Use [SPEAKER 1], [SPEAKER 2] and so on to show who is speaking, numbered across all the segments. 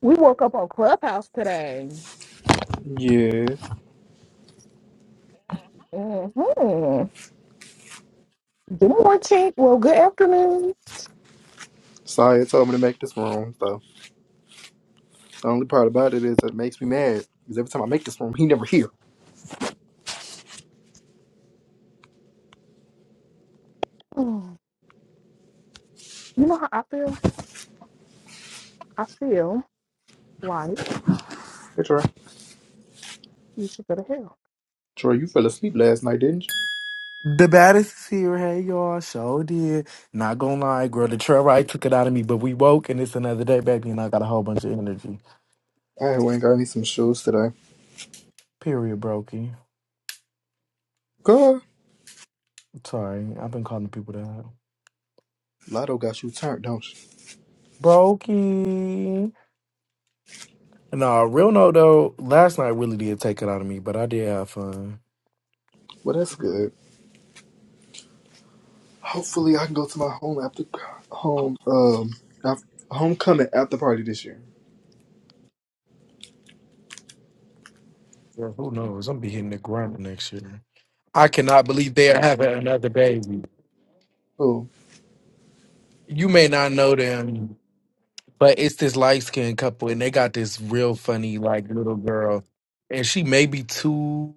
[SPEAKER 1] We woke up on Clubhouse today.
[SPEAKER 2] Yeah.
[SPEAKER 1] hmm Good morning. Chink. Well, good afternoon.
[SPEAKER 2] Saya told me to make this room, so the only part about it is it makes me mad. Because every time I make this room, he never here.
[SPEAKER 1] Mm. You know how I feel? I feel like
[SPEAKER 2] Hey, Troy.
[SPEAKER 1] you should go to hell.
[SPEAKER 2] Troy, you fell asleep last night, didn't you?
[SPEAKER 3] The baddest is here. Hey, y'all. Show did. Not gonna lie, girl. The trail ride took it out of me, but we woke and it's another day, baby, and I got a whole bunch of energy.
[SPEAKER 2] I went and got me some shoes today.
[SPEAKER 3] Period, Brokey.
[SPEAKER 2] Girl,
[SPEAKER 3] Sorry. I've been calling people that.
[SPEAKER 2] Lotto got you turned, don't you?
[SPEAKER 3] Brokey. Nah, real no, though. Last night really did take it out of me, but I did have fun.
[SPEAKER 2] Well, that's good. Hopefully, I can go to my home after home um af homecoming after party this year.
[SPEAKER 3] Yeah, who knows? I'm be hitting the ground next year. I cannot believe they are having another baby.
[SPEAKER 2] Oh,
[SPEAKER 3] You may not know them. But it's this light skinned couple, and they got this real funny like little girl, and she maybe two,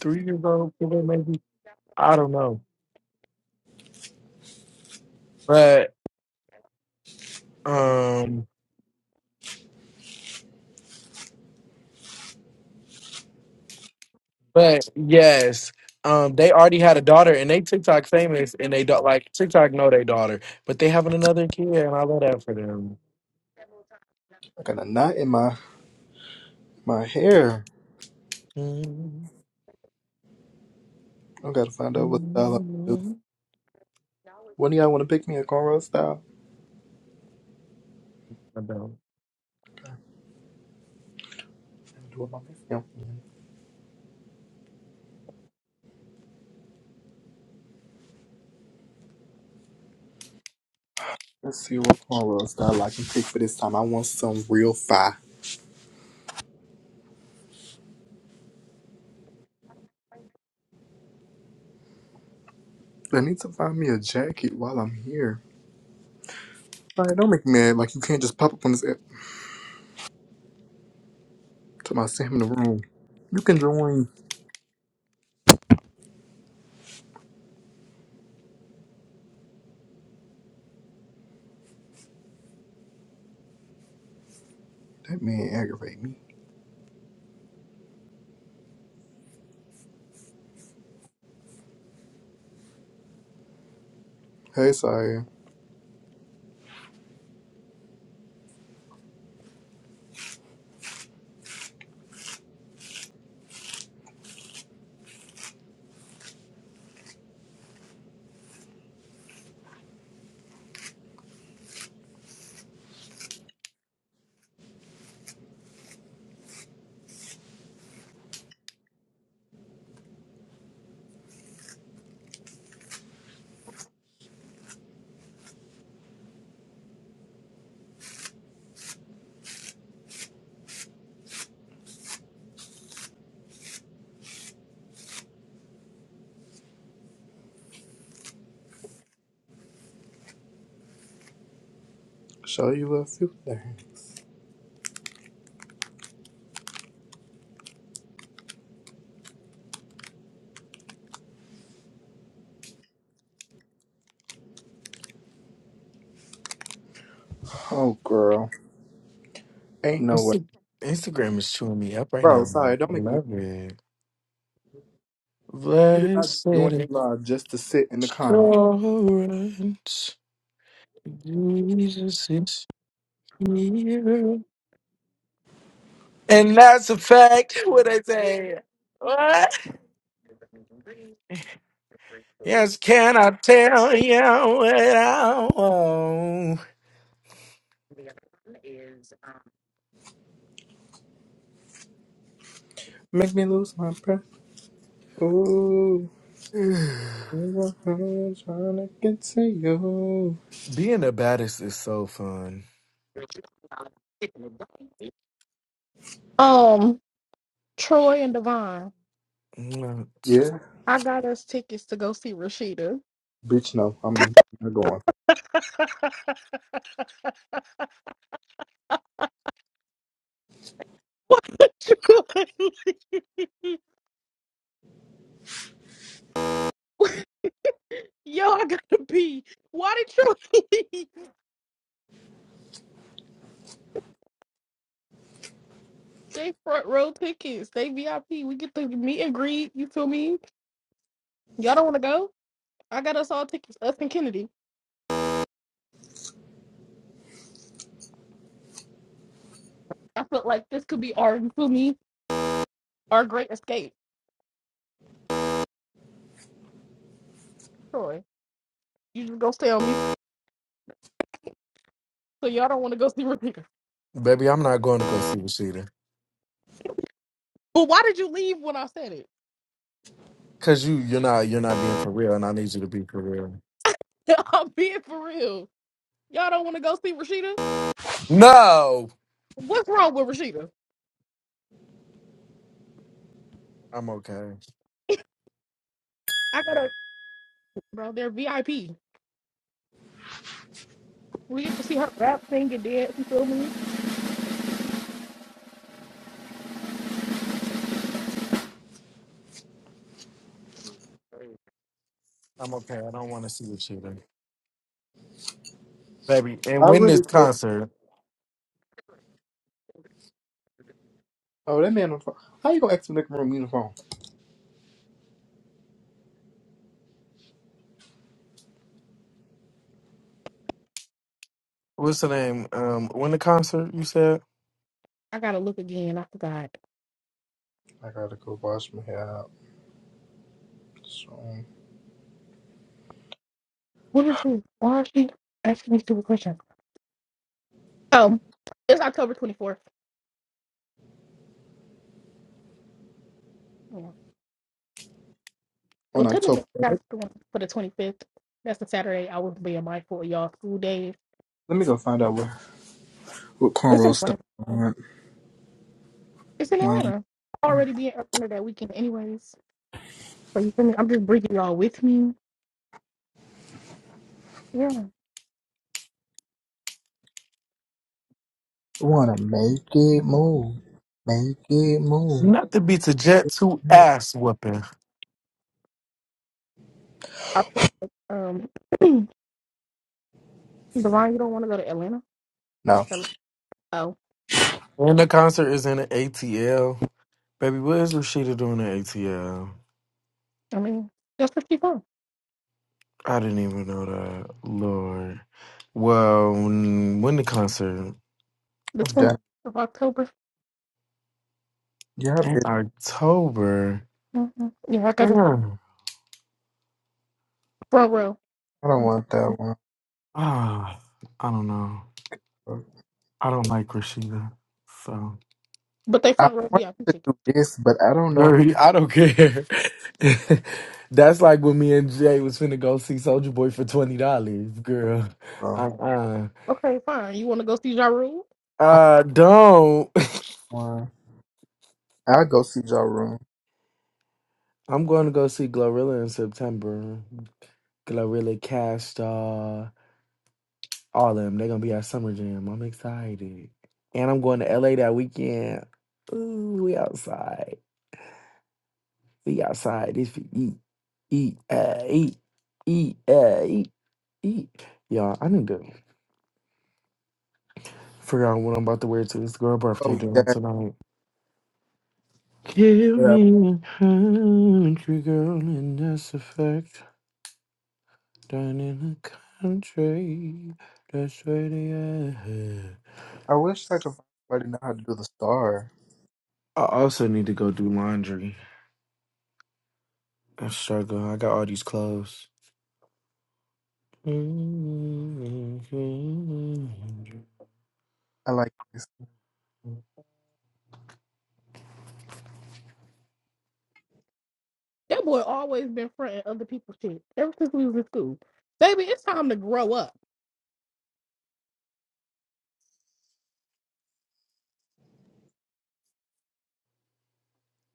[SPEAKER 3] three years old, four, maybe I don't know. But um, but yes, um, they already had a daughter, and they TikTok famous, and they don't like TikTok know their daughter, but they having another kid, and I love that for them.
[SPEAKER 2] I got a knot in my my hair. I gotta find out what style I want to do. When do y'all want to pick me a cornrow style?
[SPEAKER 3] I don't.
[SPEAKER 2] I'm gonna Do it my best, yeah. Let's see what color style I can pick for this time. I want some real fire. I need to find me a jacket while I'm here. Like, don't make me mad. Like, you can't just pop up on this app to my Sam in the room. You can join. That man aggravate me. Hey, Saya. Show you a few things. Oh, girl. Ain't no way.
[SPEAKER 3] Insta- Instagram is chewing me up right
[SPEAKER 2] Bro,
[SPEAKER 3] now. I
[SPEAKER 2] sorry. Don't make me mad.
[SPEAKER 3] love it.
[SPEAKER 2] You did not join
[SPEAKER 3] Blessed
[SPEAKER 2] the live just to sit in the comment.
[SPEAKER 3] assurance. Jesus is here. And that's a fact. What I say? What? Yes, can I tell you what I want?
[SPEAKER 2] Make me lose my breath. Ooh. I'm trying to get to you.
[SPEAKER 3] Being the baddest is so fun.
[SPEAKER 1] Um, Troy and Devon,
[SPEAKER 3] I'm not-
[SPEAKER 2] Yeah.
[SPEAKER 1] I got us tickets to go see Rashida.
[SPEAKER 2] Bitch, no. I'm not going.
[SPEAKER 1] What you going? Yo, I gotta pee. Why did you? They front row tickets. They VIP. We get the meet and greet. You feel me? Y'all don't want to go? I got us all tickets. Us and Kennedy. I felt like this could be our, you feel me, our great escape. Troy, you just gonna stay on mute. So y'all don't want to go see Rashida.
[SPEAKER 3] Baby, I'm not going to go see Rashida.
[SPEAKER 1] But why did you leave when I said it?
[SPEAKER 3] Cause you you're not you're not being for real and I need you to be for real.
[SPEAKER 1] I'm being for real. Y'all don't want to go see Rashida?
[SPEAKER 3] No.
[SPEAKER 1] What's wrong with Rashida?
[SPEAKER 3] I'm okay.
[SPEAKER 1] I gotta, bro. They're VIP. We get to see her rap, sing, and dance. You feel me?
[SPEAKER 3] I'm okay. I don't want to see Rashida. Baby, and
[SPEAKER 2] I
[SPEAKER 3] win this
[SPEAKER 2] really feel.
[SPEAKER 3] concert.
[SPEAKER 2] Oh, that man on the phone. How you gonna ask me to room uniform?
[SPEAKER 3] what's the name? Um, win the concert. You said
[SPEAKER 1] I gotta look again. I forgot.
[SPEAKER 2] I gotta go wash my hair out soon.
[SPEAKER 1] What is this? Why is she asking me stupid questions? Oh, it's October 24th. Yeah. Well,
[SPEAKER 2] On October.
[SPEAKER 1] technically, that's the one for the 25th. That's the Saturday. I was being mindful of y'all school days.
[SPEAKER 2] Let me go find out what, what
[SPEAKER 1] It's in
[SPEAKER 2] cornrow stuff
[SPEAKER 1] Atlanta.
[SPEAKER 2] I want.
[SPEAKER 1] It's in
[SPEAKER 2] Wanna,
[SPEAKER 1] Atlanta. Already being up under that weekend, anyways. So you feel me? I'm just bringing y'all with me. Yeah.
[SPEAKER 2] wanna make it move. Make it move.
[SPEAKER 3] not to beat to Jets. Who ass whooping?
[SPEAKER 1] I think, um, Devon, you don't want to go to Atlanta?
[SPEAKER 2] No,
[SPEAKER 1] Hello? Oh,
[SPEAKER 3] When the concert is in the ATL. Baby, what is Rashida doing in ATL?
[SPEAKER 1] I mean, that's pretty fun.
[SPEAKER 3] I didn't even know that. Lord. Well, mm, when the concert
[SPEAKER 1] The
[SPEAKER 2] I'm
[SPEAKER 1] 20th
[SPEAKER 2] done.
[SPEAKER 1] of October.
[SPEAKER 2] Yeah, I
[SPEAKER 3] in
[SPEAKER 2] did.
[SPEAKER 3] October.
[SPEAKER 1] hmm Yeah, I got the
[SPEAKER 3] Girl.
[SPEAKER 1] front row.
[SPEAKER 2] I don't want that one.
[SPEAKER 3] Ah, I don't know. I don't like Rashida, so.
[SPEAKER 1] But they
[SPEAKER 2] I
[SPEAKER 1] front row
[SPEAKER 2] want
[SPEAKER 1] VIP
[SPEAKER 2] to
[SPEAKER 1] ticket.
[SPEAKER 2] do this, but I don't know who.
[SPEAKER 3] Dirty, I don't care. That's like when me and Jay was finna go see Soldier Boy for twenty dollars, girl.
[SPEAKER 2] Oh,
[SPEAKER 3] Uh-uh.
[SPEAKER 1] Okay, fine. You want to go see Ja Rule?
[SPEAKER 3] Uh, uh, don't.
[SPEAKER 2] well, I'll go see y'all room.
[SPEAKER 3] I'm going to go see Glorilla in September. Glorilla, Cash Doll, all of them. They're gonna be at Summer Jam. I'm excited, and I'm going to LA that weekend. Ooh, we outside. We outside. This for eat, eat, uh, eat, eat, uh, eat, eat. Y'all, I need to. Figure out what I'm about to wear to this girl birthday
[SPEAKER 2] Oh,
[SPEAKER 3] dinner
[SPEAKER 2] that.
[SPEAKER 3] tonight. Give
[SPEAKER 2] But I,
[SPEAKER 3] me a country girl and that's a fact. Down in the country, that's where they at.
[SPEAKER 2] I wish I could find somebody know how to do the star.
[SPEAKER 3] I also need to go do laundry. I struggle. I got all these clothes. I'm
[SPEAKER 2] I like this.
[SPEAKER 1] That boy always been fronting other people's shit ever since we was in school. Baby, it's time to grow up.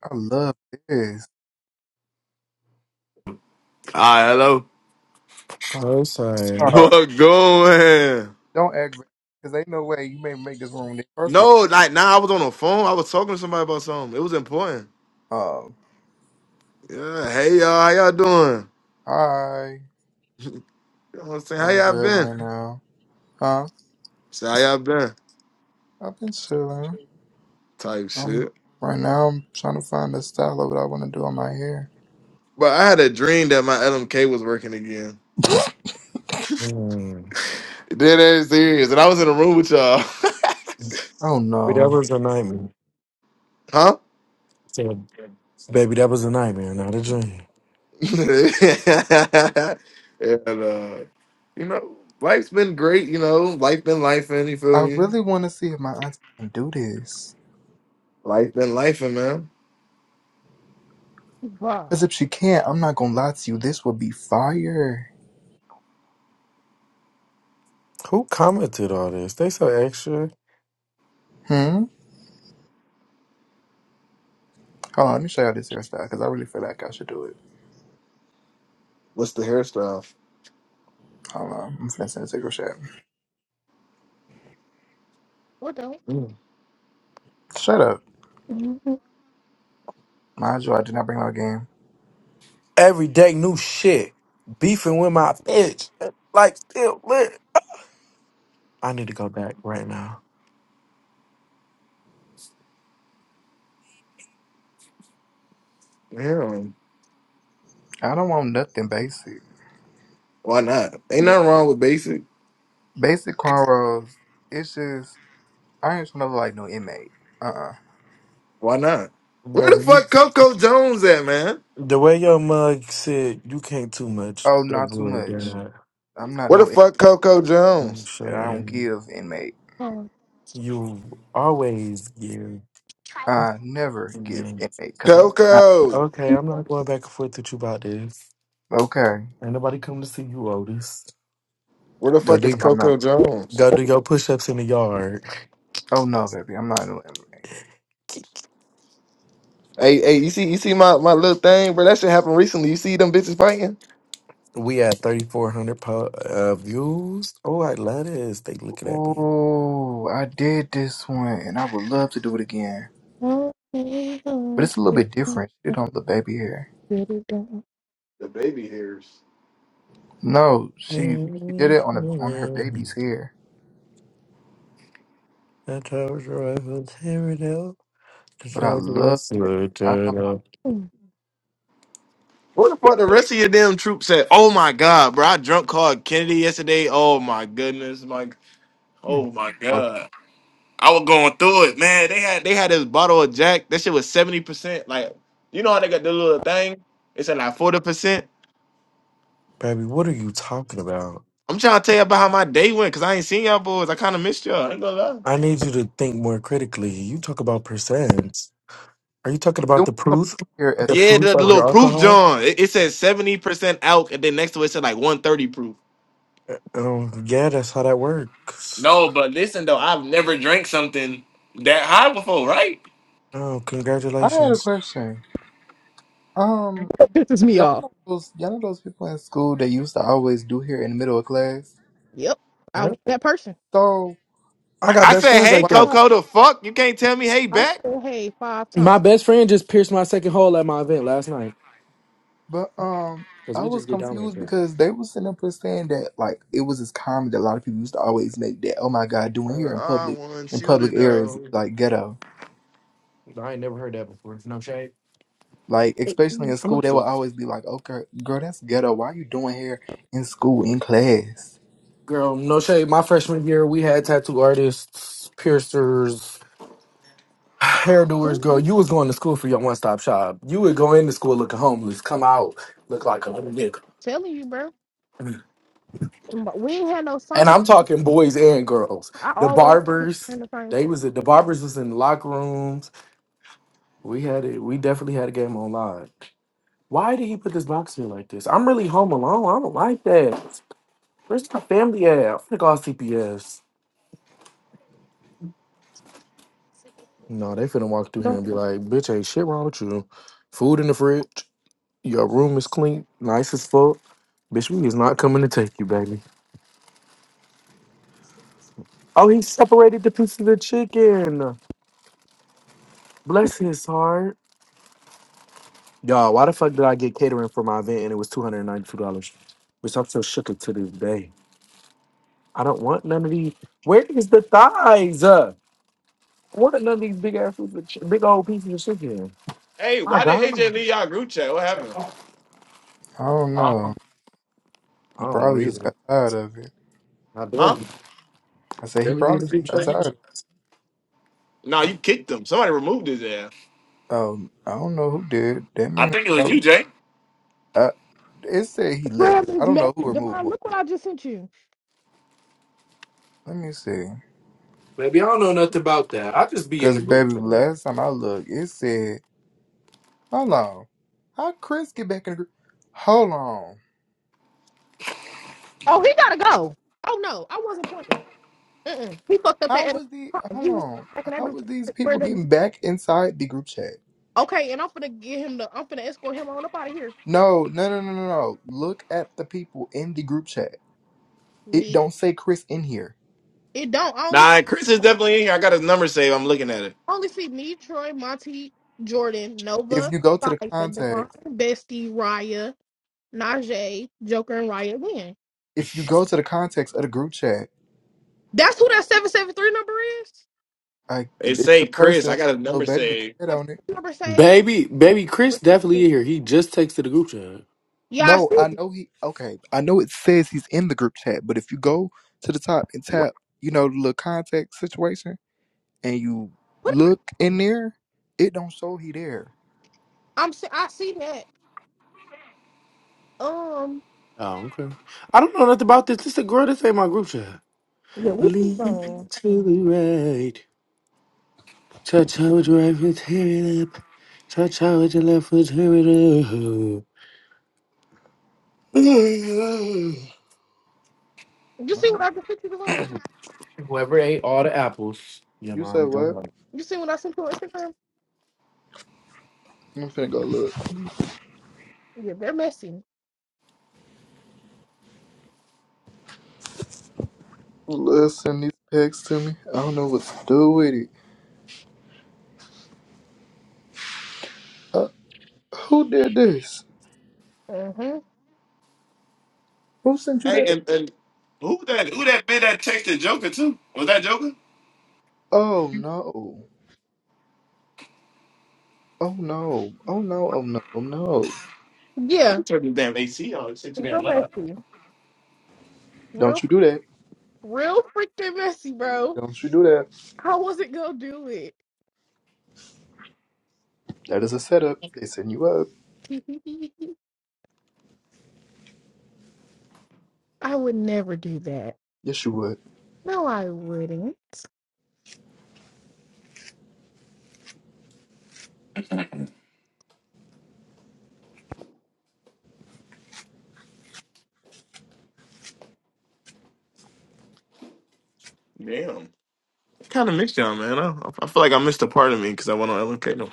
[SPEAKER 2] I love this.
[SPEAKER 4] Ah, hello.
[SPEAKER 3] sorry.
[SPEAKER 2] All
[SPEAKER 4] What going?
[SPEAKER 2] don't aggravate because ain't no way you may make this room. there. First of
[SPEAKER 4] No, like now I was on the phone. I was talking to somebody about something. It was important.
[SPEAKER 2] all, um,
[SPEAKER 4] Yeah. Hey y'all, how y'all doing?
[SPEAKER 2] hi,
[SPEAKER 4] You know what I'm saying? How
[SPEAKER 2] doing
[SPEAKER 4] y'all
[SPEAKER 2] good right
[SPEAKER 4] been?
[SPEAKER 2] now. Huh?
[SPEAKER 4] Say how y'all been?
[SPEAKER 2] I've been chilling.
[SPEAKER 4] Type
[SPEAKER 2] Um,
[SPEAKER 4] shit.
[SPEAKER 2] right now I'm trying to find the style of what I want to do on my hair.
[SPEAKER 4] But I had a dream that my LMK was working again.
[SPEAKER 2] I
[SPEAKER 3] Mm.
[SPEAKER 4] Dead ass serious. And I was in a room with y'all.
[SPEAKER 2] don't
[SPEAKER 3] But that
[SPEAKER 2] know.
[SPEAKER 3] was a nightmare.
[SPEAKER 4] huh?
[SPEAKER 3] Baby, that was a nightmare, not a dream.
[SPEAKER 4] and uh, you know, life's been great, you know. Life been life you feel
[SPEAKER 2] I
[SPEAKER 4] me?
[SPEAKER 2] really want to see if my auntie can do this.
[SPEAKER 4] Life been life man.
[SPEAKER 1] Bye.
[SPEAKER 2] Cause if she can't, I'm not gonna lie to you. This would be fire.
[SPEAKER 3] Who commented all this? They so extra.
[SPEAKER 2] Hmm. Hold on, let me show y'all this hairstyle because I really feel like I should do it.
[SPEAKER 4] What's the hairstyle?
[SPEAKER 2] Hold on, I'm finna send a secret chat.
[SPEAKER 1] What the?
[SPEAKER 4] Mm,
[SPEAKER 2] Shut up. Mind you, I did not bring my game.
[SPEAKER 3] every day new shit. Beefing with my bitch. Like still lit. I need to go back right now.
[SPEAKER 4] Yeah.
[SPEAKER 2] I don't want nothing basic.
[SPEAKER 4] Why not? Ain't nothing wrong with basic.
[SPEAKER 2] Basic cornrows. It's just I ain't trying to look like no inmate. Uh. uh
[SPEAKER 4] Why not? Where the
[SPEAKER 3] Baby, you
[SPEAKER 4] fuck Coco Jones at, man?
[SPEAKER 3] the way your mug said you can't too much
[SPEAKER 2] Oh, not too
[SPEAKER 3] avoid
[SPEAKER 2] much.
[SPEAKER 3] that.
[SPEAKER 2] I'm not
[SPEAKER 4] Where the
[SPEAKER 2] no. in-
[SPEAKER 4] fuck Coco
[SPEAKER 3] I'm
[SPEAKER 4] Jones?
[SPEAKER 2] I don't
[SPEAKER 3] saying
[SPEAKER 2] give inmate.
[SPEAKER 1] Try
[SPEAKER 3] you always give
[SPEAKER 1] this.
[SPEAKER 2] I never give
[SPEAKER 3] man.
[SPEAKER 2] inmate because I'm not
[SPEAKER 4] Coco.
[SPEAKER 3] Okay, I'm not going back and forth with you about this.
[SPEAKER 2] okay.
[SPEAKER 3] Ain't nobody come to see you, Otis.
[SPEAKER 4] Where the
[SPEAKER 2] Just
[SPEAKER 3] Go
[SPEAKER 4] fuck is
[SPEAKER 2] know
[SPEAKER 3] do
[SPEAKER 2] I'm not.
[SPEAKER 4] Coco Jones?
[SPEAKER 3] go do your push ups in the yard.
[SPEAKER 2] Oh no, baby, I'm not no inmate.
[SPEAKER 4] Hey, hey, you see you see my, my little thing, bro? That shit happened recently. You see them bitches fighting?
[SPEAKER 3] We at thirty four hundred po- uh, views. Oh, I love this. They looking at me.
[SPEAKER 2] Ooh, I did this one, and I would love to do it again. but it's a little bit different. She did it on the baby hair.
[SPEAKER 4] The baby hairs.
[SPEAKER 2] No,
[SPEAKER 3] I
[SPEAKER 2] she she did it on a, on her baby's hair.
[SPEAKER 3] told you I would tear it up. I
[SPEAKER 2] But I
[SPEAKER 3] told you I
[SPEAKER 2] love that
[SPEAKER 3] would tear
[SPEAKER 2] style.
[SPEAKER 3] it up.
[SPEAKER 4] Where the fuck the rest of your damn troops at? Oh my god, bro. I drunk called Kennedy yesterday. Oh my goodness, Mike.
[SPEAKER 2] You drunk
[SPEAKER 4] Oh my
[SPEAKER 2] or
[SPEAKER 4] god. I was going through it, man. They had they had this bottle of Jack. That shit was seventy percent. Like, you know how they got the little thing? It said like forty percent.
[SPEAKER 3] Baby, what are you talking about?
[SPEAKER 4] I'm trying to tell you about how my day went because I ain't seen y'all boys. I kind of missed y'all. I ain't gonna lie.
[SPEAKER 3] I need you to think more critically. You talk about percents. Are you talking about
[SPEAKER 2] doing
[SPEAKER 3] the
[SPEAKER 2] something
[SPEAKER 3] proof?
[SPEAKER 2] here at
[SPEAKER 3] The
[SPEAKER 2] the
[SPEAKER 4] Yeah,
[SPEAKER 3] proof
[SPEAKER 4] the, the
[SPEAKER 3] of
[SPEAKER 4] little
[SPEAKER 2] airport?
[SPEAKER 3] your
[SPEAKER 4] proof
[SPEAKER 3] alcohol?
[SPEAKER 4] John. It, it says seventy percent alk, and then next to it said like one thirty proof.
[SPEAKER 3] Um, yeah, that's how that works.
[SPEAKER 4] No, but listen though, I've never drank something that high before, right?
[SPEAKER 3] Oh,
[SPEAKER 2] I had a
[SPEAKER 3] congratulations.
[SPEAKER 2] question. Um,
[SPEAKER 1] Pisses me
[SPEAKER 2] y'all
[SPEAKER 1] off.
[SPEAKER 2] know those y'all know those people in school that used to always do hair in the middle of class.
[SPEAKER 1] Yep, I
[SPEAKER 3] Yeah.
[SPEAKER 1] was that person.
[SPEAKER 2] So
[SPEAKER 3] I got
[SPEAKER 4] I
[SPEAKER 3] best
[SPEAKER 4] said,
[SPEAKER 3] friends
[SPEAKER 4] hey
[SPEAKER 3] like that.
[SPEAKER 2] why?
[SPEAKER 4] Coco, the fuck? You can't tell me hey
[SPEAKER 1] I
[SPEAKER 4] back.
[SPEAKER 1] said, "Hey, five times."
[SPEAKER 3] My best friend just pierced my second hole at my event last night
[SPEAKER 2] But um.
[SPEAKER 3] because
[SPEAKER 2] I
[SPEAKER 3] we
[SPEAKER 2] was
[SPEAKER 3] just get down like
[SPEAKER 2] confused
[SPEAKER 3] that.
[SPEAKER 2] because they were sitting up there saying that like it was this comment that a lot of people used to always make that oh my god doing
[SPEAKER 4] Uh,
[SPEAKER 2] hair in
[SPEAKER 4] I
[SPEAKER 2] public
[SPEAKER 4] want
[SPEAKER 2] in
[SPEAKER 4] you to
[SPEAKER 2] public areas is
[SPEAKER 4] know.
[SPEAKER 2] like ghetto
[SPEAKER 3] I ain't never heard that before. No shade.
[SPEAKER 2] Like, especially in
[SPEAKER 3] I'm
[SPEAKER 2] school,
[SPEAKER 3] not
[SPEAKER 2] they would
[SPEAKER 3] the
[SPEAKER 2] always be like, "Oh, girl, girl, that's ghetto. Why you doing hair in school in class?"
[SPEAKER 3] girl. No shade. My freshman year, we had tattoo artists, piercers,
[SPEAKER 1] We
[SPEAKER 3] hairdoers. Girl, you was going to school for your one stop shop. You would go into school looking homeless, come out look like a little nigga.
[SPEAKER 1] telling you, bro. But we ain't had no
[SPEAKER 3] And
[SPEAKER 1] science.
[SPEAKER 3] I'm talking boys and girls.
[SPEAKER 1] I
[SPEAKER 3] The
[SPEAKER 1] always keep
[SPEAKER 3] barbers,
[SPEAKER 1] in the science
[SPEAKER 3] they
[SPEAKER 1] class.
[SPEAKER 3] was the barbers was in the locker rooms. We had it. We definitely had a game on live. Why did he put this box in like this? I'm really home alone. I don't like that. Where's my family at? I'm gonna call CPS. No, they finna walk through here
[SPEAKER 1] Don't
[SPEAKER 3] and be like, bitch, ain't shit wrong with you. Food in the fridge. Your room is clean, nice as fuck. Bitch, we is not coming to take you, baby. Oh, he separated the pieces of the chicken. Bless his heart. Y'all, why the fuck did I get catering for my event and it was $292? Bitch, I'm so shook it to this day. I don't want none of these. Where is the thighs? What are none of these big ass big old pieces of chicken?
[SPEAKER 4] Hey,
[SPEAKER 3] My
[SPEAKER 4] why did AJ
[SPEAKER 3] God.
[SPEAKER 4] leave y'all group chat? What happened?
[SPEAKER 2] I don't know. He
[SPEAKER 3] I don't know
[SPEAKER 2] probably just
[SPEAKER 3] either.
[SPEAKER 2] got tired of it.
[SPEAKER 3] I barely,
[SPEAKER 4] Huh?
[SPEAKER 2] I said he
[SPEAKER 3] barely be in the
[SPEAKER 2] probably
[SPEAKER 3] group
[SPEAKER 2] just got tired.
[SPEAKER 3] chat.
[SPEAKER 2] Of it.
[SPEAKER 4] Nah, you kicked him. Somebody removed his ass.
[SPEAKER 2] Um, I don't know who did that
[SPEAKER 4] I
[SPEAKER 2] man.
[SPEAKER 4] think it was
[SPEAKER 2] Got,
[SPEAKER 4] you, Jay.
[SPEAKER 2] uh, it said he left.
[SPEAKER 1] Grab
[SPEAKER 2] I
[SPEAKER 1] this
[SPEAKER 2] don't know who
[SPEAKER 1] message,
[SPEAKER 2] removed
[SPEAKER 1] Devon.
[SPEAKER 2] what.
[SPEAKER 1] Look what I just sent you.
[SPEAKER 2] Let me see.
[SPEAKER 3] Maybe I don't know nothing about that. I just be in
[SPEAKER 2] Cause
[SPEAKER 3] the group
[SPEAKER 2] baby,
[SPEAKER 3] chat.
[SPEAKER 2] last time I looked, it said, "Hold on, how Chris get back in the group? Hold on,
[SPEAKER 1] Oh, he gotta go. Oh no, I wasn't pointing. Mm-mm. He fucked up that
[SPEAKER 2] how
[SPEAKER 1] at a
[SPEAKER 2] was the?
[SPEAKER 1] time. He
[SPEAKER 2] Hold
[SPEAKER 1] was
[SPEAKER 2] on,
[SPEAKER 1] like, "Can I
[SPEAKER 2] how
[SPEAKER 1] do
[SPEAKER 2] was these
[SPEAKER 1] where
[SPEAKER 2] people
[SPEAKER 1] them?"
[SPEAKER 2] getting back inside the group chat?
[SPEAKER 1] Okay, and I'm finna get him the. I'm finna escort him on up out of here.
[SPEAKER 2] No, no, no, no, no, no. Look at the people in the group chat. It
[SPEAKER 1] Me,
[SPEAKER 2] don't say Chris in here.
[SPEAKER 1] it don't. I only see,
[SPEAKER 4] Nah, Chris is definitely in here. I got his number saved. I'm looking at it.
[SPEAKER 1] I only see me, Troy, Monty, Jordan,
[SPEAKER 2] If
[SPEAKER 1] Nova,
[SPEAKER 2] you go to
[SPEAKER 1] Fire,
[SPEAKER 2] the
[SPEAKER 1] Devon,
[SPEAKER 2] context,
[SPEAKER 1] Bestie, Raya, Najee, Joker, and Raya win.
[SPEAKER 2] if you go to the context of the group chat,
[SPEAKER 1] That's who that seven seven three number is.
[SPEAKER 2] like
[SPEAKER 4] It
[SPEAKER 2] it's the
[SPEAKER 4] say Chris.
[SPEAKER 2] person
[SPEAKER 4] I
[SPEAKER 2] that's
[SPEAKER 4] got his
[SPEAKER 2] a little
[SPEAKER 4] number
[SPEAKER 2] baby with the
[SPEAKER 4] saved.
[SPEAKER 2] head
[SPEAKER 1] Her
[SPEAKER 2] on it.
[SPEAKER 1] number saved.
[SPEAKER 3] Baby, baby, Chris definitely in here. He just texted the group chat.
[SPEAKER 1] Yeah, I
[SPEAKER 2] No,
[SPEAKER 1] see.
[SPEAKER 2] I know he. Okay, I know it says he's in the group chat, but if you go to the top and
[SPEAKER 1] What?
[SPEAKER 2] tap, you know, the little context situation, and you
[SPEAKER 1] Put it
[SPEAKER 2] look in there, it don't show he there.
[SPEAKER 1] I'm. se- I see that. Um.
[SPEAKER 3] Oh, okay. I don't know nothing about this. This the girl that's in my group chat.
[SPEAKER 1] Yeah, we can
[SPEAKER 3] Lean
[SPEAKER 1] go.
[SPEAKER 3] to the right. Touch how with your right foot, tear it up. Touch how with your left foot, tear it up.
[SPEAKER 1] You see
[SPEAKER 2] No.
[SPEAKER 1] what I just sent you to learn?
[SPEAKER 3] Whoever ate all the apples, your
[SPEAKER 2] You said
[SPEAKER 3] mom
[SPEAKER 2] what?
[SPEAKER 3] done.
[SPEAKER 1] You see when I sent you on Instagram?
[SPEAKER 2] I'm finna go look.
[SPEAKER 1] Yeah, they're messy.
[SPEAKER 2] Listen, these pics to me. I don't know what to do with it. Who did this?
[SPEAKER 1] hmm
[SPEAKER 2] Who sent you
[SPEAKER 4] Hey,
[SPEAKER 2] that?
[SPEAKER 4] and, and who that? who that bit that texted Joker too? Was that Joker?
[SPEAKER 2] Oh no. Oh no. Oh no. Oh no. Oh no.
[SPEAKER 4] Let
[SPEAKER 1] Yeah,
[SPEAKER 4] me turn this damn AC on. It's too damn
[SPEAKER 1] real
[SPEAKER 4] loud.
[SPEAKER 1] messy.
[SPEAKER 2] Don't
[SPEAKER 1] Real,
[SPEAKER 2] you do that.
[SPEAKER 1] real freaking messy, bro.
[SPEAKER 2] Don't you do that.
[SPEAKER 1] I wasn't gonna do it.
[SPEAKER 2] That is a setup. They send you up.
[SPEAKER 1] I would never do that.
[SPEAKER 2] Yes you would.
[SPEAKER 1] No, I wouldn't.
[SPEAKER 4] Damn. I kind of missed y'all, man. I, I feel like I missed a part of me because I went on LMK. No.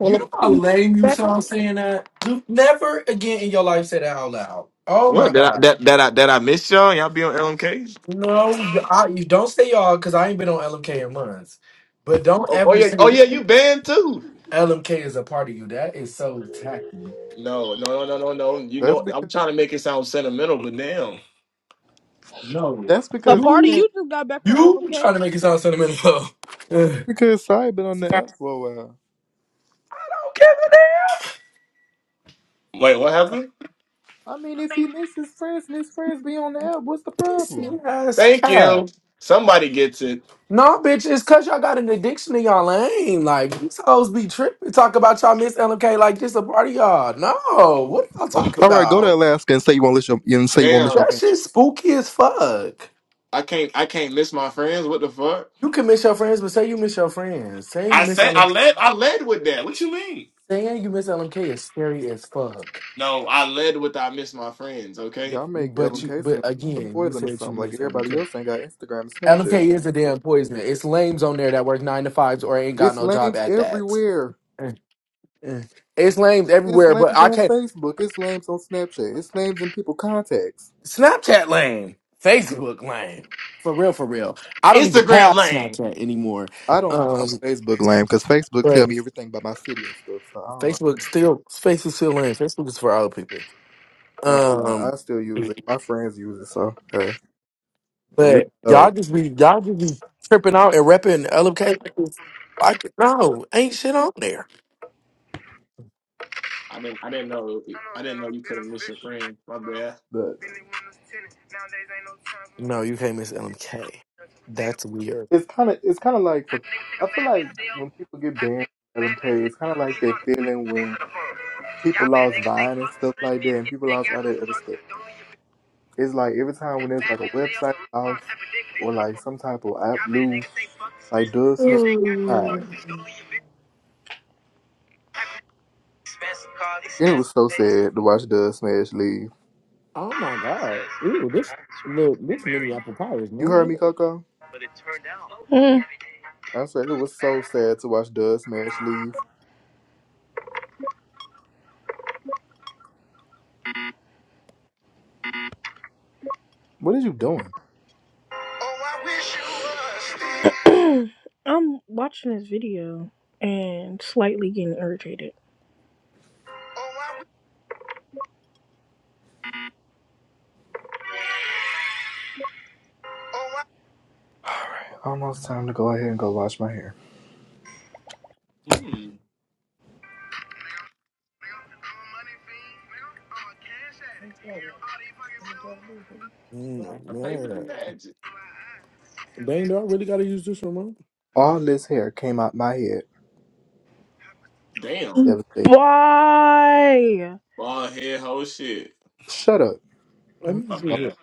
[SPEAKER 3] You know
[SPEAKER 1] a part of
[SPEAKER 3] how
[SPEAKER 1] you
[SPEAKER 3] lame you
[SPEAKER 1] back on.
[SPEAKER 3] sound saying that? Do never again in your life say that out loud. Oh
[SPEAKER 4] What?
[SPEAKER 3] my
[SPEAKER 4] Did I
[SPEAKER 3] god.
[SPEAKER 4] that that I that I missed y'all? Y'all be on LMK?
[SPEAKER 3] No, I, you don't say y'all because I ain't been on LMK in months. But don't
[SPEAKER 4] Oh, oh
[SPEAKER 3] ever
[SPEAKER 4] yeah. Oh
[SPEAKER 3] say
[SPEAKER 4] yeah. You banned too.
[SPEAKER 3] LMK is a part of you. That is so tacky.
[SPEAKER 4] No, no, no, no, no, no. You
[SPEAKER 2] That's
[SPEAKER 4] know, I'm
[SPEAKER 2] because
[SPEAKER 4] trying to make it sound sentimental, but damn.
[SPEAKER 3] No,
[SPEAKER 2] that's
[SPEAKER 1] A
[SPEAKER 2] because
[SPEAKER 1] party
[SPEAKER 3] you
[SPEAKER 2] man,
[SPEAKER 1] you just got back on
[SPEAKER 3] you
[SPEAKER 1] LMK?
[SPEAKER 3] trying to make it sound sentimental.
[SPEAKER 2] that's because Sai been on the
[SPEAKER 3] I
[SPEAKER 2] app for a while.
[SPEAKER 3] don't give a damn.
[SPEAKER 4] Wait, what happened?
[SPEAKER 2] I mean if he misses his friends and his friends be on the app, what's the
[SPEAKER 3] This
[SPEAKER 2] problem?
[SPEAKER 3] ass
[SPEAKER 4] Thank
[SPEAKER 3] cat.
[SPEAKER 4] you. Somebody gets it.
[SPEAKER 3] No, bitch, it's cause y'all got an addiction in y'all lane. Like these hoes be tripping. Talk about y'all miss LMK like this a part of y'all. No, what are y'all talking
[SPEAKER 2] Alright, go to
[SPEAKER 3] about?
[SPEAKER 2] Alaska and say you won't miss your and say you won't miss your
[SPEAKER 4] Damn.
[SPEAKER 3] That
[SPEAKER 2] family.
[SPEAKER 3] shit spooky as fuck.
[SPEAKER 4] I can't I can't miss my friends. What the fuck?
[SPEAKER 3] You can miss your friends, but say you miss your friends. Saying you
[SPEAKER 4] I
[SPEAKER 3] miss
[SPEAKER 4] said I
[SPEAKER 3] LM,
[SPEAKER 4] led I led with that. What you mean?
[SPEAKER 3] saying you miss LMK is scary as fuck.
[SPEAKER 4] No, I led with I miss my friends, okay?
[SPEAKER 2] Y'all make
[SPEAKER 3] But you,
[SPEAKER 2] LMK seem
[SPEAKER 3] but
[SPEAKER 2] like the
[SPEAKER 3] again, you
[SPEAKER 2] poison or
[SPEAKER 3] said you
[SPEAKER 2] something, like
[SPEAKER 3] miss
[SPEAKER 2] everybody
[SPEAKER 3] LMK.
[SPEAKER 2] else ain't got Instagram and Snapchat.
[SPEAKER 3] LMK is a damn poison. It's lames on there that work nine to fives or ain't got
[SPEAKER 2] It's
[SPEAKER 3] no job
[SPEAKER 2] lames
[SPEAKER 3] at that.
[SPEAKER 2] everywhere.
[SPEAKER 3] Eh, eh. It's lames
[SPEAKER 2] It's
[SPEAKER 3] everywhere, but
[SPEAKER 2] lambs
[SPEAKER 3] I
[SPEAKER 2] on
[SPEAKER 3] can't.
[SPEAKER 2] Facebook. It's lambs on Snapchat. It's lambs in people contacts.
[SPEAKER 3] Snapchat lame. Facebook lame. For real, for real. I don't even
[SPEAKER 4] Instagram
[SPEAKER 3] have
[SPEAKER 4] lane.
[SPEAKER 3] Snapchat anymore.
[SPEAKER 2] I don't call
[SPEAKER 3] Um,
[SPEAKER 2] Facebook lame because Facebook tell
[SPEAKER 3] but
[SPEAKER 2] me everything about my city and stuff. So I don't
[SPEAKER 3] Facebook still Facebook still lame. Facebook is for old people.
[SPEAKER 2] know. Uh,
[SPEAKER 3] Um,
[SPEAKER 2] I still use it. My friends use it. So hey, we
[SPEAKER 3] but
[SPEAKER 2] know.
[SPEAKER 3] y'all just be y'all just be tripping out and repping LMK. like it's- Like no, ain't shit on there.
[SPEAKER 4] I didn't I didn't know I didn't know you couldn't miss your friend, my bruh.
[SPEAKER 2] But
[SPEAKER 3] No, you can't miss LMK. That's weird.
[SPEAKER 2] it's kind of it's kind of like for, I feel like when people get banned from LMK, it's kind of like that feeling when people lost Vine and stuff like that, and people lost all that other stuff. It's like every time when there's like a website lost or like some type of app lose, like Doug Smith.
[SPEAKER 3] Mm.
[SPEAKER 2] And it was so sad to watch Doug Smash leave.
[SPEAKER 3] Oh my god! Ew, this look. This mini apple pie is
[SPEAKER 2] You
[SPEAKER 3] no
[SPEAKER 2] heard me,
[SPEAKER 3] good.
[SPEAKER 2] Coco?
[SPEAKER 1] Mm,
[SPEAKER 2] I said it was so sad to watch Doug Smash leave. What are you doing?
[SPEAKER 1] I'm watching this video and slightly getting irritated.
[SPEAKER 2] Alright, almost time to go ahead and go wash my hair.
[SPEAKER 4] Hmm. I play for the
[SPEAKER 3] Mm,
[SPEAKER 4] magic.
[SPEAKER 3] Dang, do I really gotta use this remote?
[SPEAKER 2] All this hair came out my head.
[SPEAKER 4] Damn.
[SPEAKER 2] Devastating.
[SPEAKER 1] Why?
[SPEAKER 4] Bald head whole shit.
[SPEAKER 2] Shut up.
[SPEAKER 3] Let
[SPEAKER 2] I'm
[SPEAKER 3] me
[SPEAKER 4] My
[SPEAKER 3] see
[SPEAKER 2] not-
[SPEAKER 3] what.
[SPEAKER 4] bad.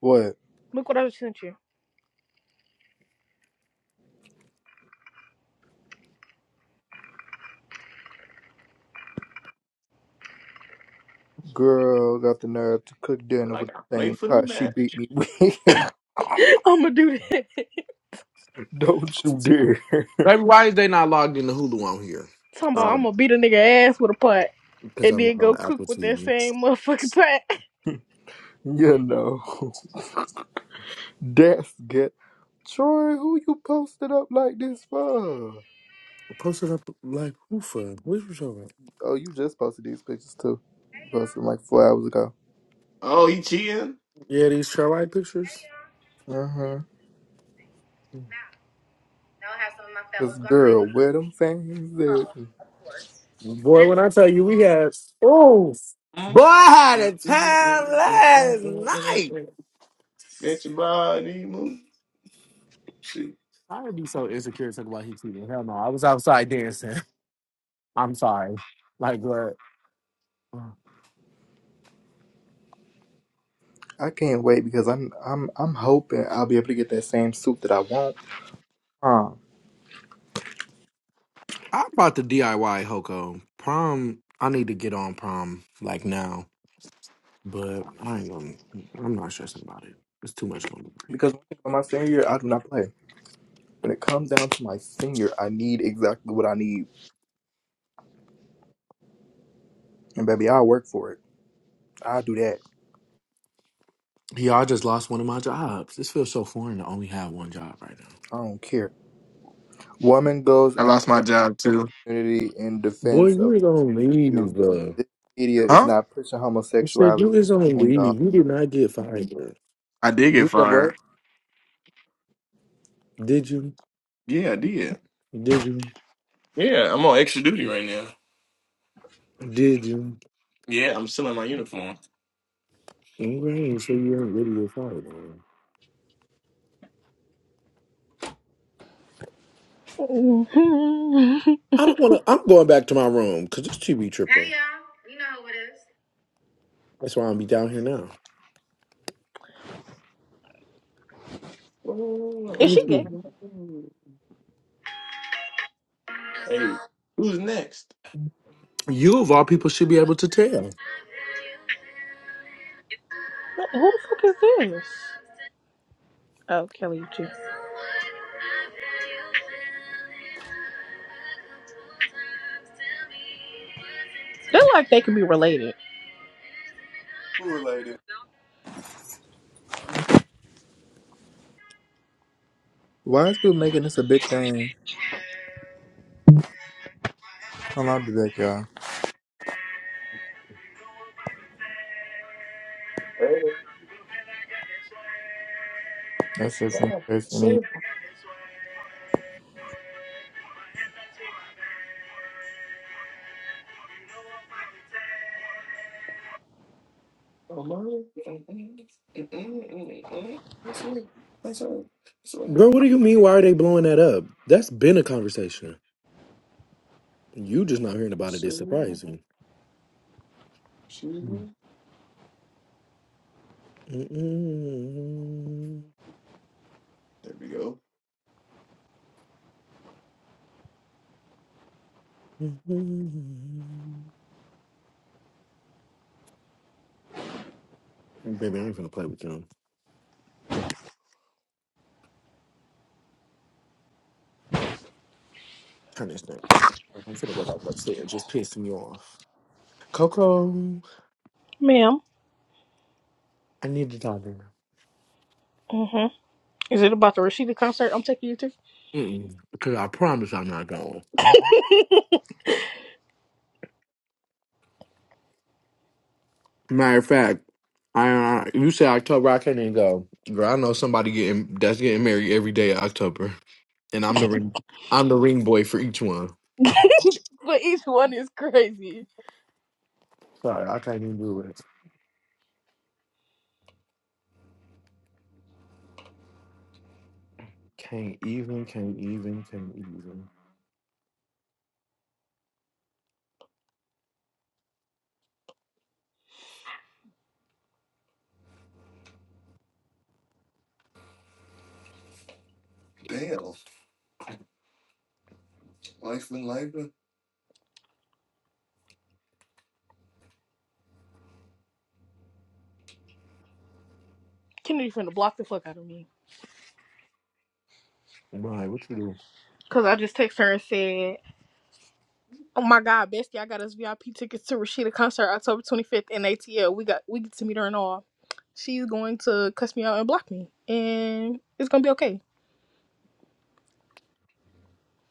[SPEAKER 2] what?
[SPEAKER 1] Look at you.
[SPEAKER 2] Girl got the nerve to cook dinner
[SPEAKER 4] Like
[SPEAKER 2] with
[SPEAKER 4] I
[SPEAKER 2] the
[SPEAKER 4] play
[SPEAKER 2] same
[SPEAKER 4] for the
[SPEAKER 2] pot she beat
[SPEAKER 4] magic.
[SPEAKER 2] me with.
[SPEAKER 1] I'ma do.
[SPEAKER 2] Don't you dare.
[SPEAKER 3] Baby, why is they not logged into Hulu on here?
[SPEAKER 1] Talking I'ma beat a nigga ass with a putt.
[SPEAKER 3] Because
[SPEAKER 1] and
[SPEAKER 3] I'm
[SPEAKER 1] then
[SPEAKER 3] not on
[SPEAKER 1] go cook
[SPEAKER 3] Apple
[SPEAKER 1] with that
[SPEAKER 3] TV.
[SPEAKER 1] same motherfucking pot.
[SPEAKER 2] you know. That's get Troy, who you posted up like this for?
[SPEAKER 3] Posted up like who for? What you talking about?
[SPEAKER 2] Oh, you just posted these pictures too. You posted like four hours ago.
[SPEAKER 4] Oh, he cheating?
[SPEAKER 3] Yeah, these trail light pictures.
[SPEAKER 2] Uh huh. Cause girl, where them things at?
[SPEAKER 3] Boy, when I tell you we had oh
[SPEAKER 4] Get
[SPEAKER 3] boy, I had a time last night.
[SPEAKER 4] your body moving. Shit.
[SPEAKER 3] I would be so insecure talking about he cheating. Hell no, I was outside dancing. I'm sorry. Like what?
[SPEAKER 2] I can't wait because I'm I'm I'm hoping I'll be able to get that same suit that I want. Huh.
[SPEAKER 3] I bought the DIY Hoko prom. I need to get on prom like now. But I ain't gonna, I'm not stressing about it. It's too much going on.
[SPEAKER 2] Because when it comes to my senior year, I do not play. When it comes down to my senior, I need exactly what I need, and baby, I'll work for it. I'll do that.
[SPEAKER 3] Yeah, I just lost one of my jobs. This feels so foreign to only have one job right now.
[SPEAKER 2] I don't care. Woman goes
[SPEAKER 4] I
[SPEAKER 2] after
[SPEAKER 4] lost my job
[SPEAKER 2] her
[SPEAKER 4] too.
[SPEAKER 2] community in
[SPEAKER 3] Boy,
[SPEAKER 2] defense
[SPEAKER 3] you
[SPEAKER 2] of
[SPEAKER 3] is on leave,
[SPEAKER 2] you.
[SPEAKER 3] bro.
[SPEAKER 2] This media is
[SPEAKER 3] I
[SPEAKER 4] Huh?
[SPEAKER 2] not pushing
[SPEAKER 3] said you
[SPEAKER 2] homosexuality
[SPEAKER 3] is on
[SPEAKER 2] on
[SPEAKER 3] leave.
[SPEAKER 2] y'all.
[SPEAKER 3] You did not get fired, bro.
[SPEAKER 4] I did get
[SPEAKER 2] You said what?
[SPEAKER 4] fired.
[SPEAKER 3] Did you?
[SPEAKER 4] Yeah, I did.
[SPEAKER 3] Did you?
[SPEAKER 4] Yeah, I'm on extra duty right now.
[SPEAKER 3] Did you?
[SPEAKER 4] Yeah, I'm still in my uniform.
[SPEAKER 3] Okay, so you ain't really get fired, man. I don't wanna. I'm going back to my room because it's TV tripping. That's why I'm be down here now. Let me see.
[SPEAKER 4] Hey, who's next?
[SPEAKER 3] You of all people should be able to tell.
[SPEAKER 1] What is this? Oh, Kelly, you too. Feel like they can be it,
[SPEAKER 2] Who related? Why is people making this a big thing? I'm out the deck, y'all.
[SPEAKER 4] Hey,
[SPEAKER 2] That's just in case any.
[SPEAKER 4] sir. Oh, my. There
[SPEAKER 3] Bro, what do you mean? Why are they blowing that up? That's been a conversation. You just not hearing about it is surprising. Mm-mm.
[SPEAKER 4] we go.
[SPEAKER 3] Baby, I ain't finna play with you. Turn this down. I'm finna go back upstairs. Just pissing you off. Coco,
[SPEAKER 1] ma'am.
[SPEAKER 3] I need to talk to you.
[SPEAKER 1] Mhm. Is it about the Rashida concert? I'm taking you to.
[SPEAKER 3] Mm-mm. Because I promise I'm not going. Matter of fact, I, I you said October, I can't even go. Girl, I know somebody getting that's getting married every day of October, and I'm the ring, I'm the ring boy for each one.
[SPEAKER 1] But each one is crazy.
[SPEAKER 3] Sorry, I can't even do it. Can't even, can't even, can't even.
[SPEAKER 4] Damn, life and life.
[SPEAKER 1] Kennedy finna block the fuck out of me.
[SPEAKER 3] Right, what you do?
[SPEAKER 1] Cause I just text her and said, "Oh my God, Bestie, I got us VIP tickets to Rashida concert October 25th in ATL. We got we get to meet her and all. She's going to cuss me out and block me, and it's gonna be okay.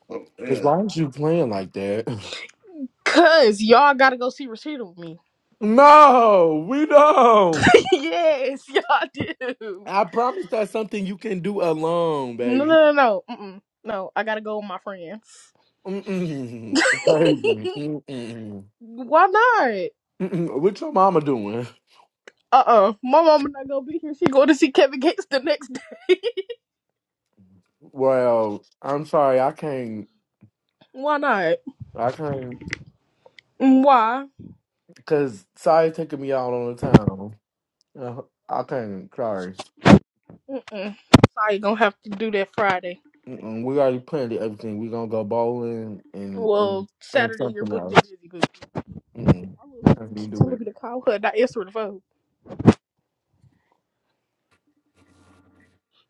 [SPEAKER 4] Oh
[SPEAKER 3] Because
[SPEAKER 4] yeah.
[SPEAKER 3] why is you playing like that?
[SPEAKER 1] Cause y'all gotta go see Rashida with me.
[SPEAKER 3] No, we don't.
[SPEAKER 1] yes, y'all do.
[SPEAKER 3] I promise that's something you can do alone,
[SPEAKER 1] No,
[SPEAKER 3] baby.
[SPEAKER 1] no, no, no. Mm-mm. No, I gotta go with my friends.
[SPEAKER 3] Mm-mm. Crazy. Mm-mm.
[SPEAKER 1] Why not?
[SPEAKER 3] Mm-mm. What your mama doing?
[SPEAKER 1] Uh-uh. My mama not gonna be here. She going to see Kevin Gates the next day.
[SPEAKER 3] Well, I'm sorry, I can't.
[SPEAKER 1] Why not?
[SPEAKER 3] I can't,
[SPEAKER 1] Why?
[SPEAKER 3] cause Sai taking me out on the town. Uh, I can't. Sorry.
[SPEAKER 1] Mm-mm. Sorry, gonna have to do that Friday.
[SPEAKER 3] Mm-mm. We already planned everything. We gonna go bowling and and,
[SPEAKER 1] Well,
[SPEAKER 3] and
[SPEAKER 1] Saturday you're
[SPEAKER 3] something
[SPEAKER 1] booked and
[SPEAKER 3] else.
[SPEAKER 1] busy, but
[SPEAKER 3] Mm-mm.
[SPEAKER 1] my little
[SPEAKER 3] I can't
[SPEAKER 1] keep
[SPEAKER 3] do
[SPEAKER 1] telling
[SPEAKER 3] it.
[SPEAKER 1] me to call her, not answering the phone.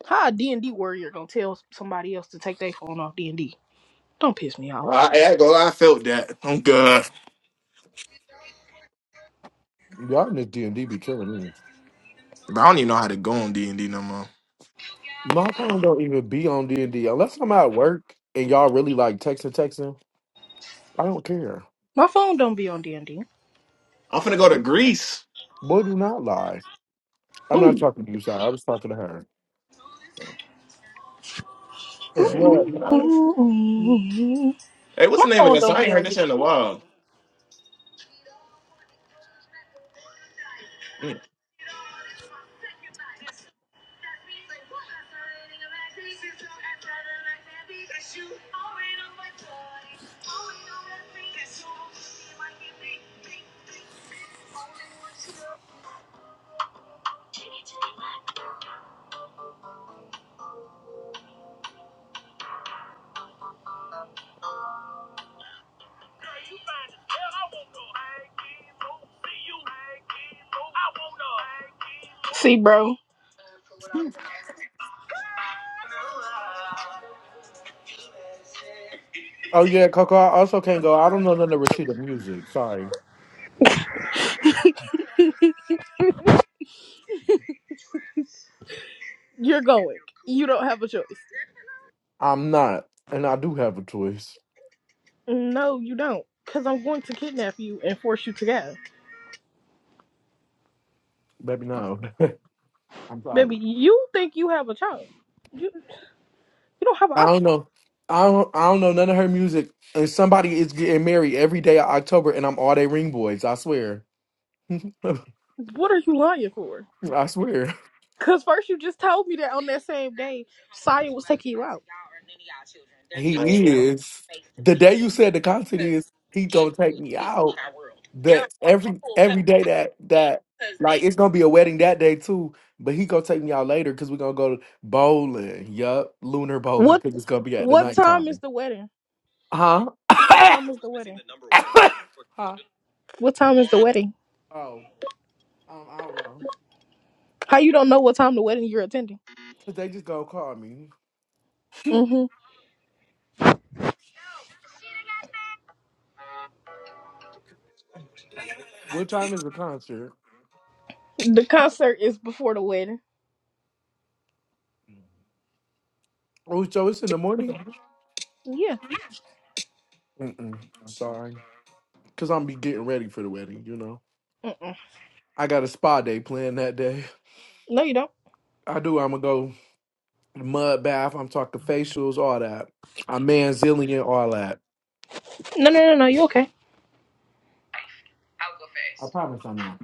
[SPEAKER 1] How a D&D warrior gonna tell somebody else to take their phone off D&D? Don't piss me off.
[SPEAKER 4] I, I ain't gonna lie, I felt that. I'm good.
[SPEAKER 3] Y'all in this D and D be killing me.
[SPEAKER 4] But I don't even know how to go on D and D no more.
[SPEAKER 3] My phone don't even be on D and D unless I'm at work and y'all really like texting, texting. I don't care.
[SPEAKER 1] My phone don't be on D&D.
[SPEAKER 4] I'm finna go to Greece.
[SPEAKER 3] Boy, do not lie. I'm not
[SPEAKER 4] Ooh.
[SPEAKER 3] talking to you, sorry. I was talking to her. 'Cause
[SPEAKER 4] Hey,
[SPEAKER 3] what?
[SPEAKER 4] you
[SPEAKER 1] My
[SPEAKER 4] gotta feel- Hey, what's the name of
[SPEAKER 1] phone
[SPEAKER 4] that song?
[SPEAKER 1] don't
[SPEAKER 4] I
[SPEAKER 1] be
[SPEAKER 4] ain't heard
[SPEAKER 1] on
[SPEAKER 4] that shit in a
[SPEAKER 1] D&D like that.
[SPEAKER 4] while. Yeah.
[SPEAKER 1] See, bro,
[SPEAKER 3] Oh yeah, Coco. I also can't go. I don't know none of Rashida music. Sorry,
[SPEAKER 1] you're going. You don't have a choice.
[SPEAKER 3] I'm not, and I do have a choice.
[SPEAKER 1] No, you don't. Because I'm going to kidnap you and force you to go.
[SPEAKER 3] Baby, no. I'm
[SPEAKER 1] Baby,
[SPEAKER 3] sorry.
[SPEAKER 1] you think you have a child. You, you don't have an
[SPEAKER 3] I don't
[SPEAKER 1] option.
[SPEAKER 3] know. I don't. I don't know none of her music. And somebody is getting married every day of October, and I'm all they ring boys. I swear.
[SPEAKER 1] What are you lying for?
[SPEAKER 3] I swear.
[SPEAKER 1] Because first you just told me that on that same day.
[SPEAKER 4] I ain't
[SPEAKER 3] He is. The day you said the concert is, he gonna take me out. that every every day that that like it's gonna be a wedding that day too. But he gonna take me out later because we're gonna go bowling. Yup, lunar bowling
[SPEAKER 1] What
[SPEAKER 3] because it's gonna be at the
[SPEAKER 1] What time is
[SPEAKER 3] nighttime.
[SPEAKER 1] the wedding?
[SPEAKER 3] Huh?
[SPEAKER 1] What time is the wedding?
[SPEAKER 3] huh?
[SPEAKER 1] What time is the wedding?
[SPEAKER 3] Oh, um, I don't know.
[SPEAKER 1] How you don't know what time the wedding you're attending?
[SPEAKER 3] Cause they just gonna call me.
[SPEAKER 1] Mm-hmm.
[SPEAKER 3] What time is the concert?
[SPEAKER 1] The concert is before the wedding.
[SPEAKER 3] Oh, so it's in the morning.
[SPEAKER 1] Yeah.
[SPEAKER 3] Mm-mm, sorry, cause I'm be getting ready for the wedding. You know,
[SPEAKER 1] Mm-mm.
[SPEAKER 3] I got a spa day planned that day.
[SPEAKER 1] No, you don't.
[SPEAKER 3] I do. I'm gonna go. mud bath. I'm talking facials, all that. I'm manzillion, all that.
[SPEAKER 1] No, no, no, no. You okay?
[SPEAKER 3] I promise I'm not.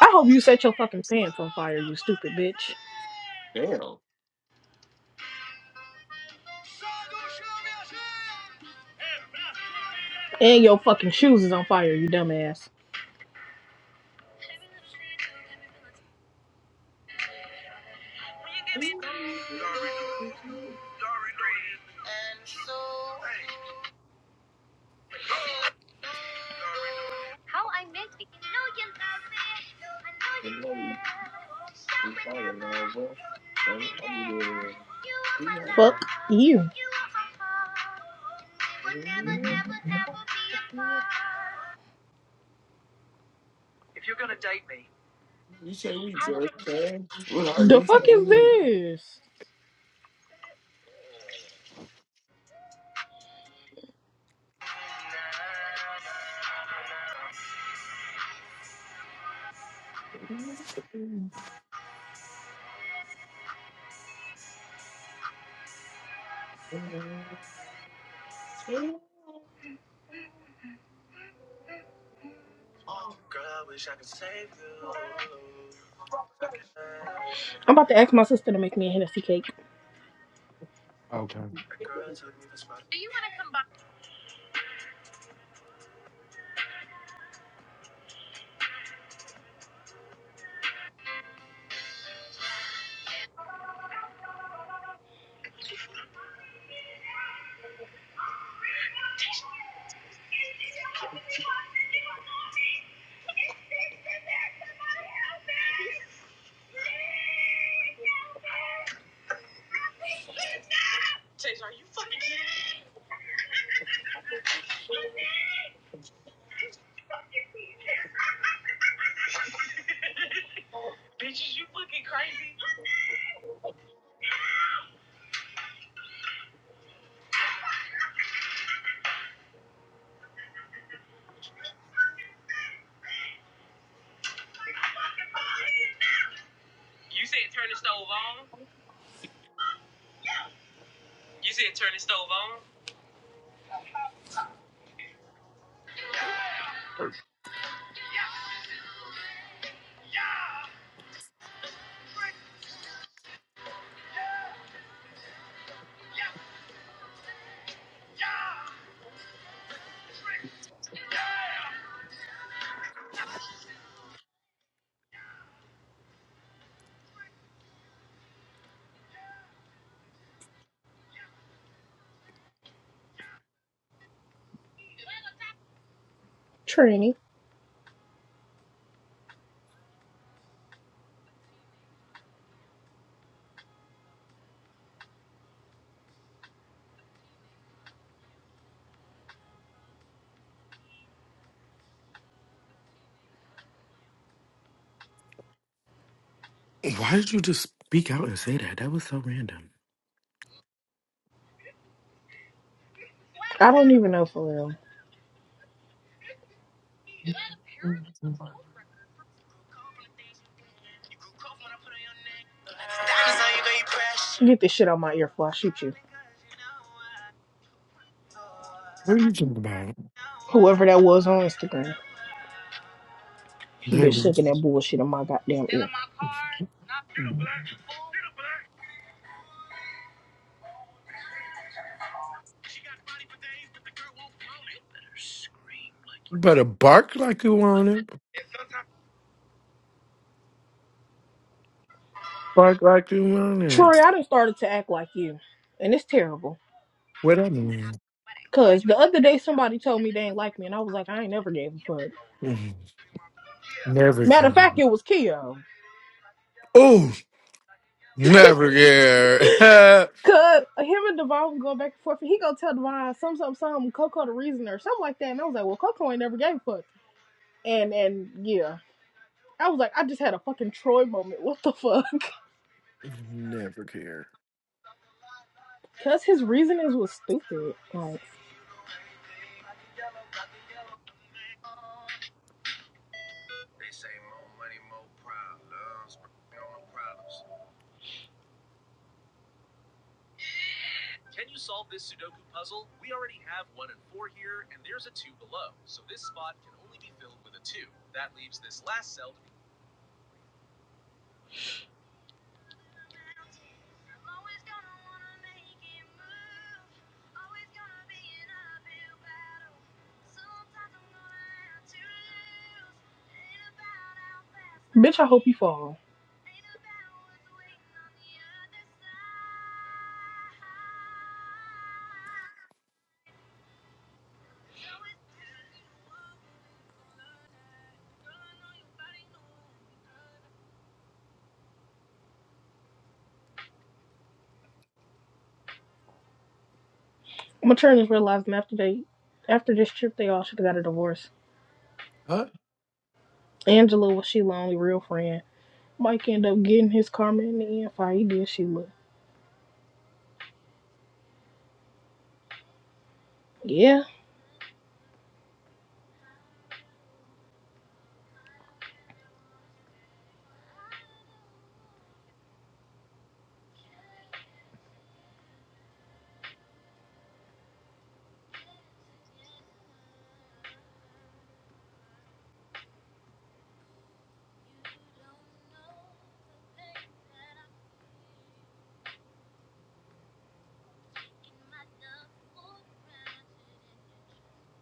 [SPEAKER 1] I hope you set your fucking pants on fire, you stupid bitch.
[SPEAKER 4] Damn.
[SPEAKER 1] And your fucking shoes is on fire, you dumbass.
[SPEAKER 4] You
[SPEAKER 1] You.
[SPEAKER 4] say we just friends? What are
[SPEAKER 1] The
[SPEAKER 4] you
[SPEAKER 1] fuck is this?
[SPEAKER 4] saying? Two.
[SPEAKER 1] I'm about to ask my sister to make me a Hennessy cake.
[SPEAKER 3] Okay.
[SPEAKER 1] Trini.
[SPEAKER 3] Hey, Why did you just speak out and say that? That was so random.
[SPEAKER 1] I don't even know for real.
[SPEAKER 3] What
[SPEAKER 1] Get this shit out my ear before I shoot you.
[SPEAKER 3] are you talking about?
[SPEAKER 1] Whoever that was on Instagram. Bitch
[SPEAKER 3] Davis?
[SPEAKER 1] sucking that bullshit in my goddamn ear.
[SPEAKER 3] You better bark like you want it. Bark like you want it.
[SPEAKER 1] Troy, I done started to act like you. And it's terrible.
[SPEAKER 3] What I mean?
[SPEAKER 1] Cause the other day somebody told me they ain't like me and I was like, I ain't never gave a fuck.
[SPEAKER 3] Mhm. Never
[SPEAKER 1] Matter of
[SPEAKER 3] care.
[SPEAKER 1] fact, it was Keo.
[SPEAKER 3] Oh, never care.
[SPEAKER 1] Cause him and Devon would go back and forth, and he gonna tell Devon some some some Coco the reason or something like that, and I was like, well, Coco ain't never gave a fuck, and and yeah, I was like, I just had a fucking Troy moment. What the fuck?
[SPEAKER 3] never care.
[SPEAKER 1] Cause his reasonings was stupid. Like, bitch, I hope maternity realized after they, after this trip, they all should have got a divorce.
[SPEAKER 3] Huh?
[SPEAKER 1] Angela was Sheila only real friend. Mike ended up getting his karma in the end. Fine, he did Sheila. Yeah,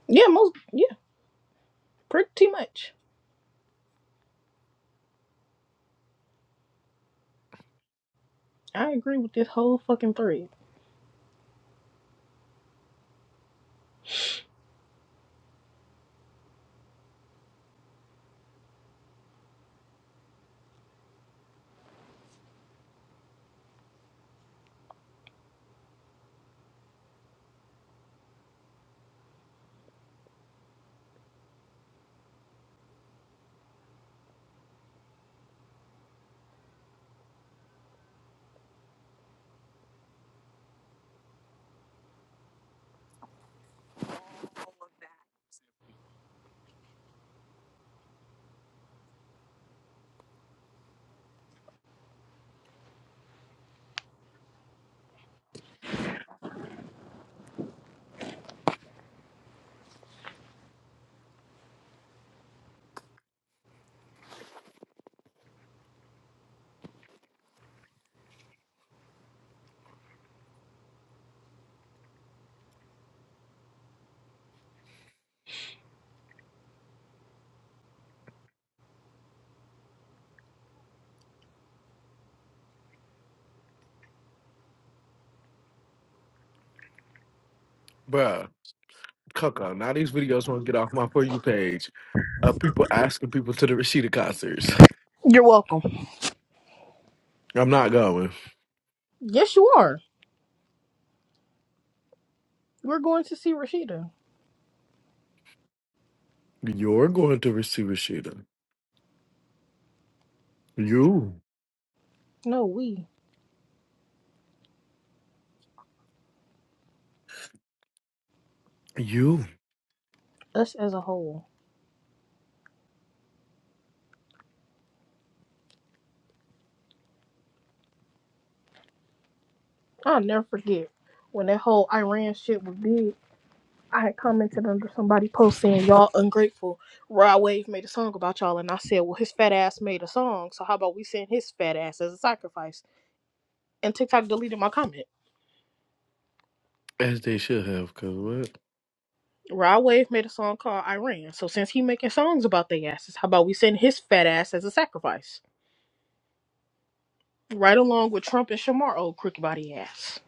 [SPEAKER 1] yeah, most yeah, pretty much. I agree with this whole fucking thread.
[SPEAKER 3] Bruh, Coco, now these videos won't get off my For You page of people asking people to the Rashida concerts.
[SPEAKER 1] You're welcome.
[SPEAKER 3] I'm not going.
[SPEAKER 1] Yes, you are. We're going to see Rashida.
[SPEAKER 3] You're going to receive Rashida. You.
[SPEAKER 1] No, we.
[SPEAKER 3] You.
[SPEAKER 1] Us as a whole. I'll never forget when that whole Iran shit was big. I had commented under somebody post saying, Y'all ungrateful. Rod Wave made a song about y'all. And I said, Well, his fat ass made a song. So how about we send his fat ass as a sacrifice? And TikTok deleted my comment.
[SPEAKER 3] As they should have, cause what?
[SPEAKER 1] Rod Wave made a song called Iran. So since he making songs about their asses, how about we send his fat ass as a sacrifice? Right along with Trump and Shamar, old crooked body ass.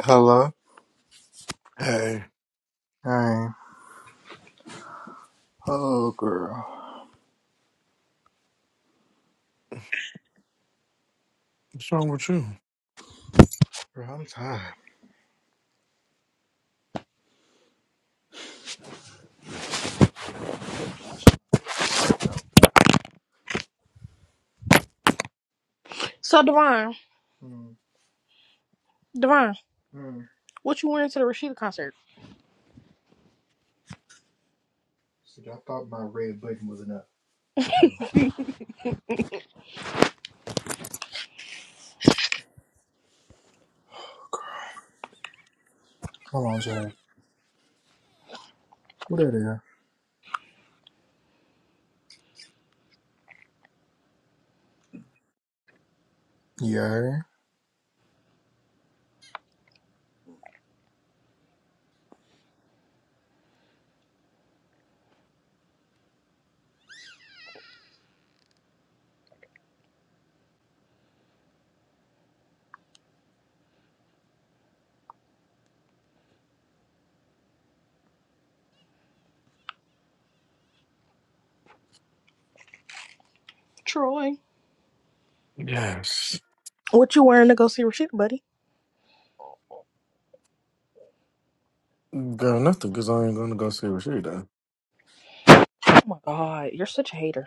[SPEAKER 2] Hello?
[SPEAKER 3] Hey,
[SPEAKER 2] Hey. Oh, girl.
[SPEAKER 3] what's wrong with you?
[SPEAKER 2] Girl, I'm tired.
[SPEAKER 1] So Divine,
[SPEAKER 2] Mm,
[SPEAKER 1] Devon,
[SPEAKER 2] mm.
[SPEAKER 1] what you wearing to the Rashida concert?
[SPEAKER 2] See, I thought my red button was enough. Hold on, Jay. What are they? Yeah.
[SPEAKER 1] Troy.
[SPEAKER 3] Yes.
[SPEAKER 1] What you wearing to go see Rashida, buddy?
[SPEAKER 3] Girl, nothing, because I ain't going to go see what she done.
[SPEAKER 1] Oh my god, you're such a hater.